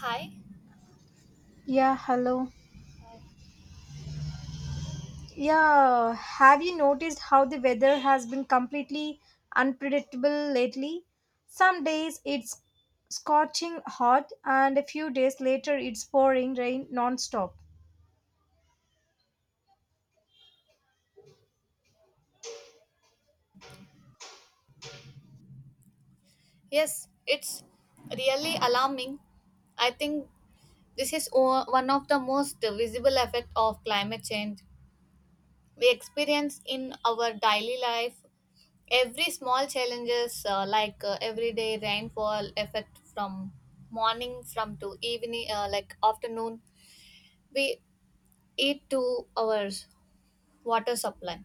Hi. Yeah, hello. Hi. Yeah, have you noticed how the weather has been completely unpredictable lately? Some days it's scorching hot, and a few days later it's pouring rain non-stop. Yes, it's really alarming. I think this is one of the most visible effect of climate change. We experience in our daily life every small challenges like everyday rainfall effect from morning from to evening like afternoon we eat to our water supply.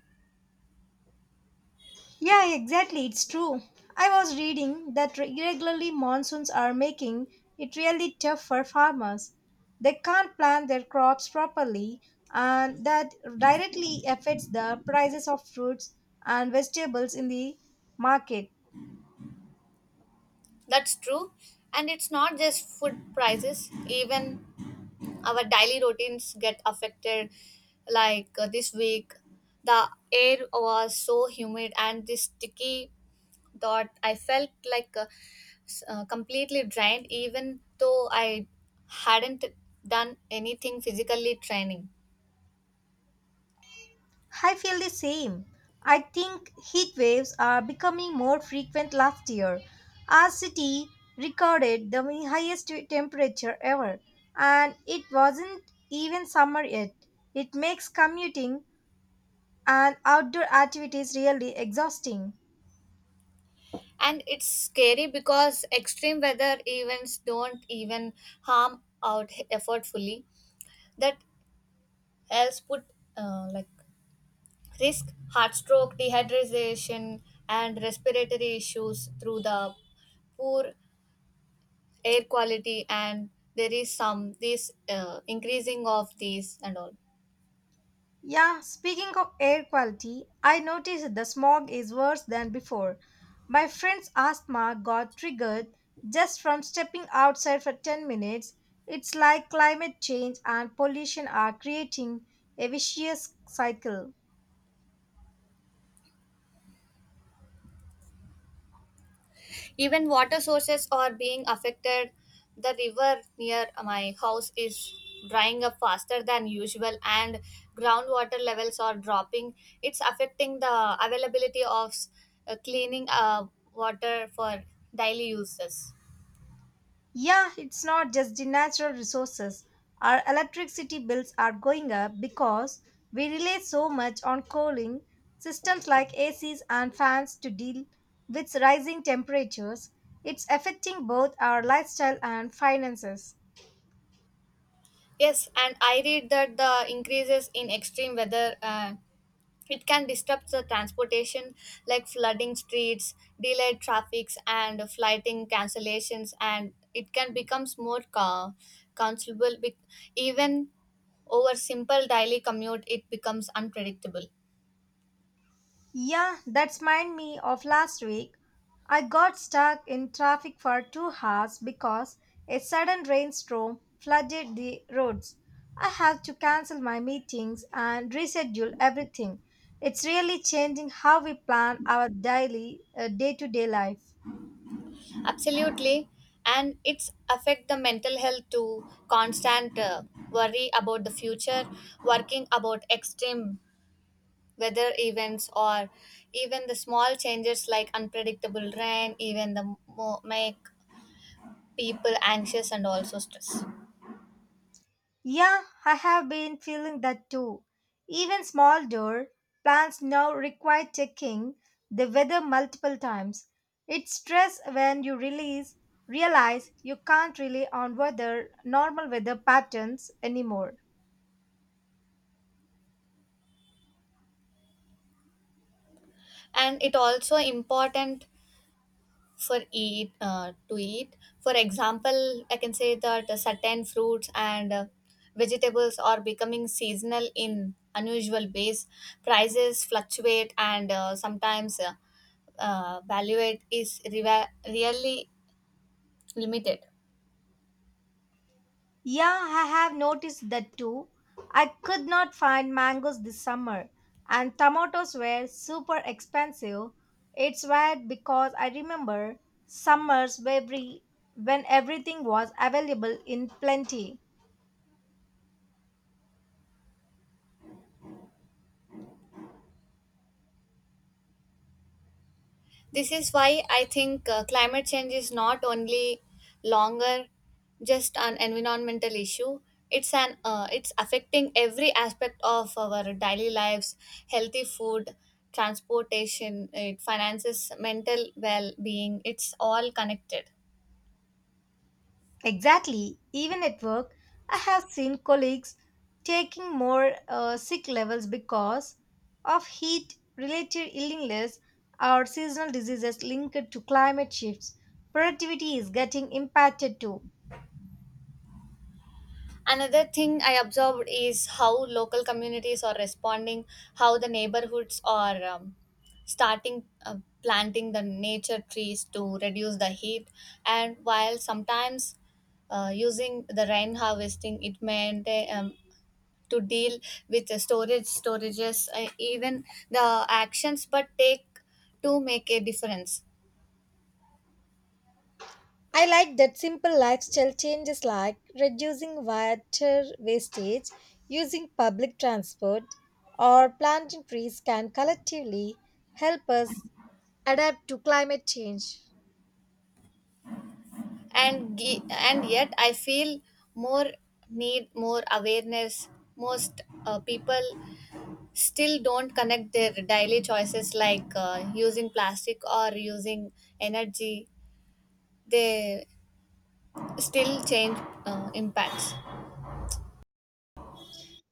Yeah, exactly. It's true. I was reading that irregularly monsoons are making it really tough for farmers. They can't plant their crops properly, and that directly affects the prices of fruits and vegetables in the market. That's true, and it's not just food prices, even our daily routines get affected like this week the air was so humid and this sticky that I felt like completely drained even though I hadn't done anything physically training. I feel the same. I think heat waves are becoming more frequent last year. Our city recorded the highest temperature ever, and it wasn't even summer yet. It makes commuting and outdoor activities really exhausting. And it's scary because extreme weather events don't even harm out effortfully that else put like risk heart stroke, dehydration, and respiratory issues through the poor air quality, and there is some this increasing of these and all. Yeah, speaking of air quality, I noticed the smog is worse than before. My friend's asthma got triggered just from stepping outside for 10 minutes. It's like climate change and pollution are creating a vicious cycle. Even water sources are being affected. The river near my house is drying up faster than usual, and groundwater levels are dropping. It's affecting the availability of cleaning water for daily uses. Yeah, it's not just the natural resources. Our electricity bills are going up because we rely so much on cooling systems like ACs and fans to deal with rising temperatures. It's affecting both our lifestyle and finances. Yes, and I read that the increases in extreme weather it can disrupt the transportation, like flooding streets, delayed traffics, and flighting cancellations, and it can becomes more considerable. Even over simple daily commute, it becomes unpredictable. Yeah, that mind me of last week. I got stuck in traffic for 2 hours because a sudden rainstorm flooded the roads. I had to cancel my meetings and reschedule everything. It's really changing how we plan our daily, day to day life. Absolutely, and it's affect the mental health to constant worry about the future, working about extreme weather events or even the small changes like unpredictable rain even the make people anxious and also stress. Yeah, I have been feeling that too. Even small door plants now require checking the weather multiple times. It's stress when you release realize you can't rely on weather normal weather patterns anymore. And it also important for eat to eat, for example, I can say that certain fruits and vegetables are becoming seasonal in unusual ways. Prices fluctuate, and sometimes value it is really limited. Yeah, I have noticed that too. I could not find mangoes this summer, and tomatoes were super expensive. It's weird because I remember summers where every, when everything was available in plenty. This is why I think climate change is not only longer just an environmental issue. It's an it's affecting every aspect of our daily lives, healthy food, transportation, it finances, mental well-being. It's all connected. Exactly. Even at work, I have seen colleagues taking more sick levels because of heat related illness or seasonal diseases linked to climate shifts. Productivity is getting impacted too. Another thing I observed is how local communities are responding, how the neighborhoods are starting planting the nature trees to reduce the heat, and while sometimes using the rain harvesting, it meant to deal with the storages, even the actions, but take to make a difference. I like that simple lifestyle changes like reducing water wastage, using public transport, or planting trees can collectively help us adapt to climate change. And yet I feel more, need more awareness. Most people still don't connect their daily choices like using plastic or using energy, they still change impacts.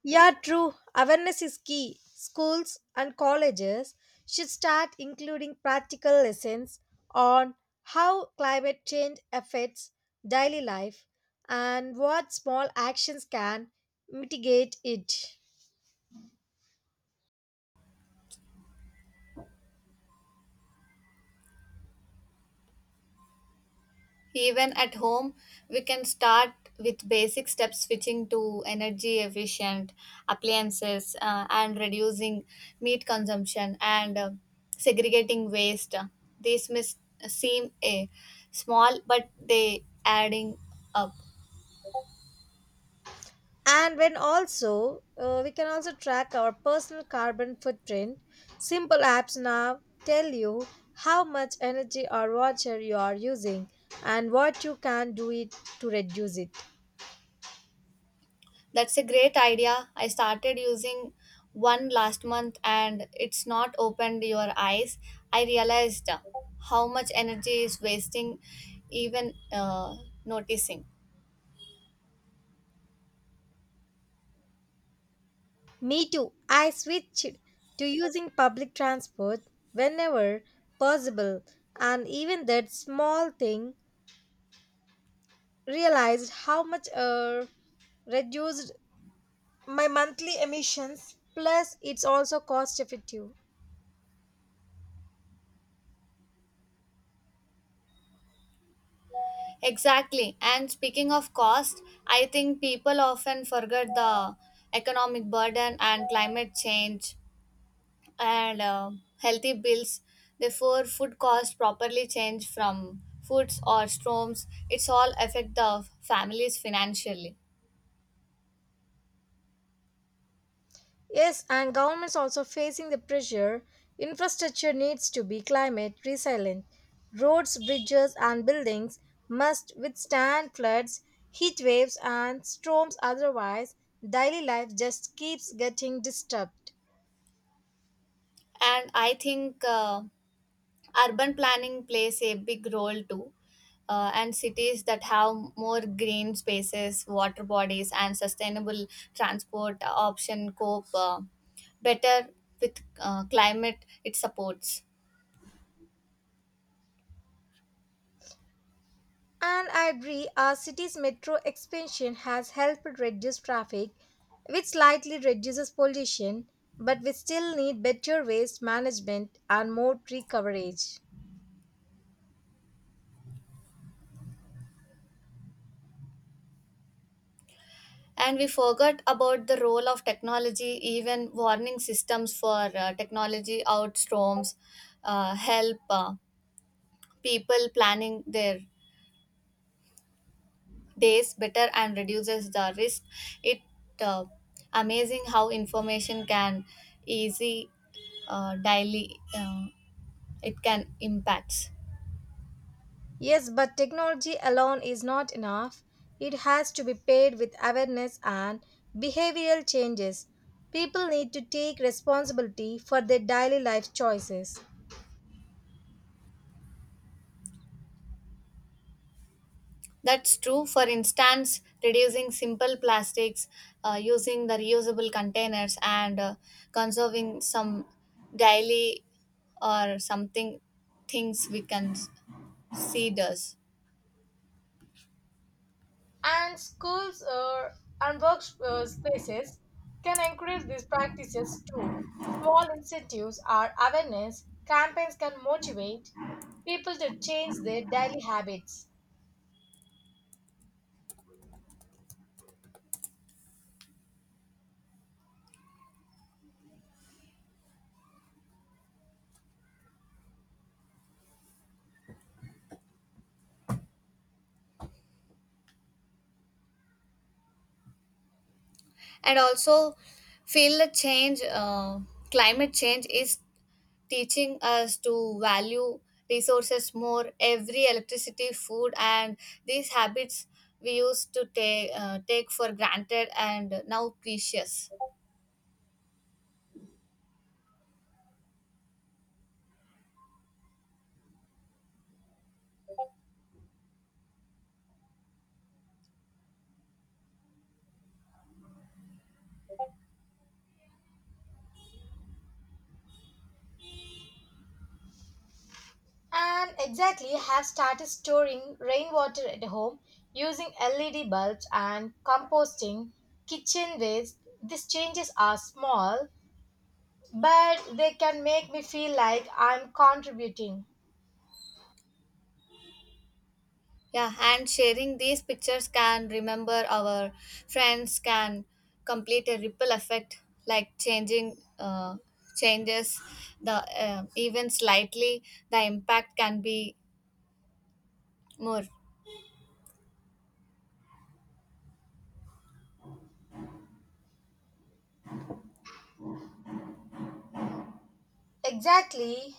Yeah, true. Awareness is key. Schools and colleges should start including practical lessons on how climate change affects daily life and what small actions can mitigate it. Even at home, we can start with basic steps, switching to energy efficient appliances and reducing meat consumption and segregating waste. These may seem a small, but they adding up. And when also, we can also track our personal carbon footprint. Simple apps now tell you how much energy or water you are using and what you can do it to reduce it. That's a great idea. I started using one last month, and it's not opened your eyes. I realized how much energy is wasting even noticing. Me too. I switched to using public transport whenever possible, and even that small thing realized how much reduced my monthly emissions. Plus, it's also cost effective. Exactly. And speaking of cost, I think people often forget the economic burden and climate change and healthy bills. Therefore, food costs properly change from foods or storms. It's all affect the families financially. Yes, and governments also facing the pressure. Infrastructure needs to be climate resilient. Roads, bridges, and buildings must withstand floods, heat waves, and storms. Otherwise, daily life just keeps getting disturbed. And I think urban planning plays a big role too, and cities that have more green spaces, water bodies, and sustainable transport option cope better with climate, it supports. And I agree, our city's metro expansion has helped reduce traffic, which slightly reduces pollution, but we still need better waste management and more tree coverage. And we forgot about the role of technology. Even warning systems for technology outstorms help people planning their days better and reduces the risk. It uh, amazing how information can easy daily it can impacts. Yes, but technology alone is not enough. It has to be paired with awareness and behavioral changes. People need to take responsibility for their daily life choices. That's true. For instance, reducing simple plastics, using the reusable containers, and conserving some daily or something things we can see does. And schools and work spaces can encourage these practices too. Small incentives or awareness campaigns can motivate people to change their daily habits. And also feel the change. Climate change is teaching us to value resources more, every electricity, food, and these habits we used to take for granted and now precious. And exactly have started storing rainwater at home using LED bulbs and composting kitchen waste. These changes are small, but they can make me feel like I'm contributing. Yeah, and sharing these pictures can remember our friends can complete a ripple effect like changing changes the even slightly, the impact can be more. Exactly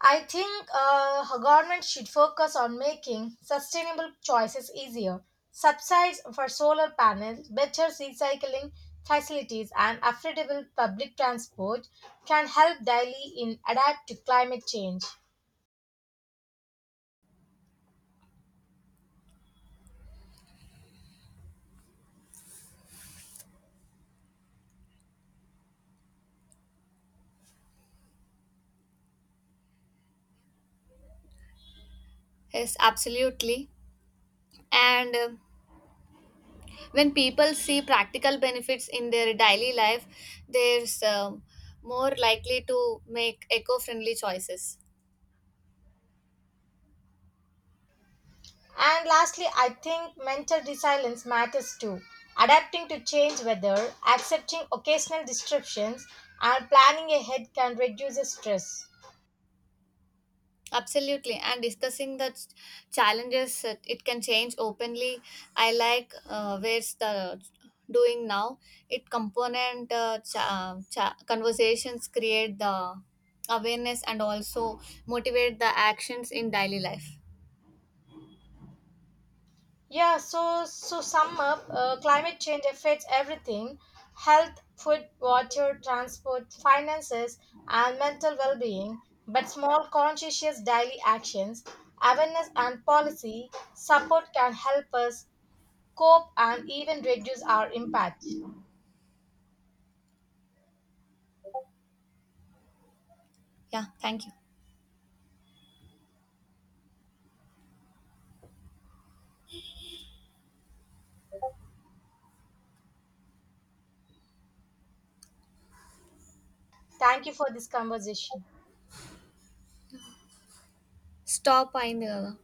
I think a government should focus on making sustainable choices easier, subsidies for solar panels, better recycling facilities, and affordable public transport can help Delhi in adapt to climate change. Yes, absolutely. And when people see practical benefits in their daily life, there's more likely to make eco-friendly choices. And lastly, I think mental resilience matters too. Adapting to change weather, accepting occasional disruptions, and planning ahead can reduce stress. Absolutely, and discussing the challenges that it can change openly. I like where's the doing now it component conversations create the awareness and also motivate the actions in daily life. Yeah, so sum up, climate change affects everything: health, food, water, transport, finances, and mental well-being. But small conscientious daily actions, awareness, and policy support can help us cope and even reduce our impact. Yeah, thank you. Thank you for this conversation. Stop, I know.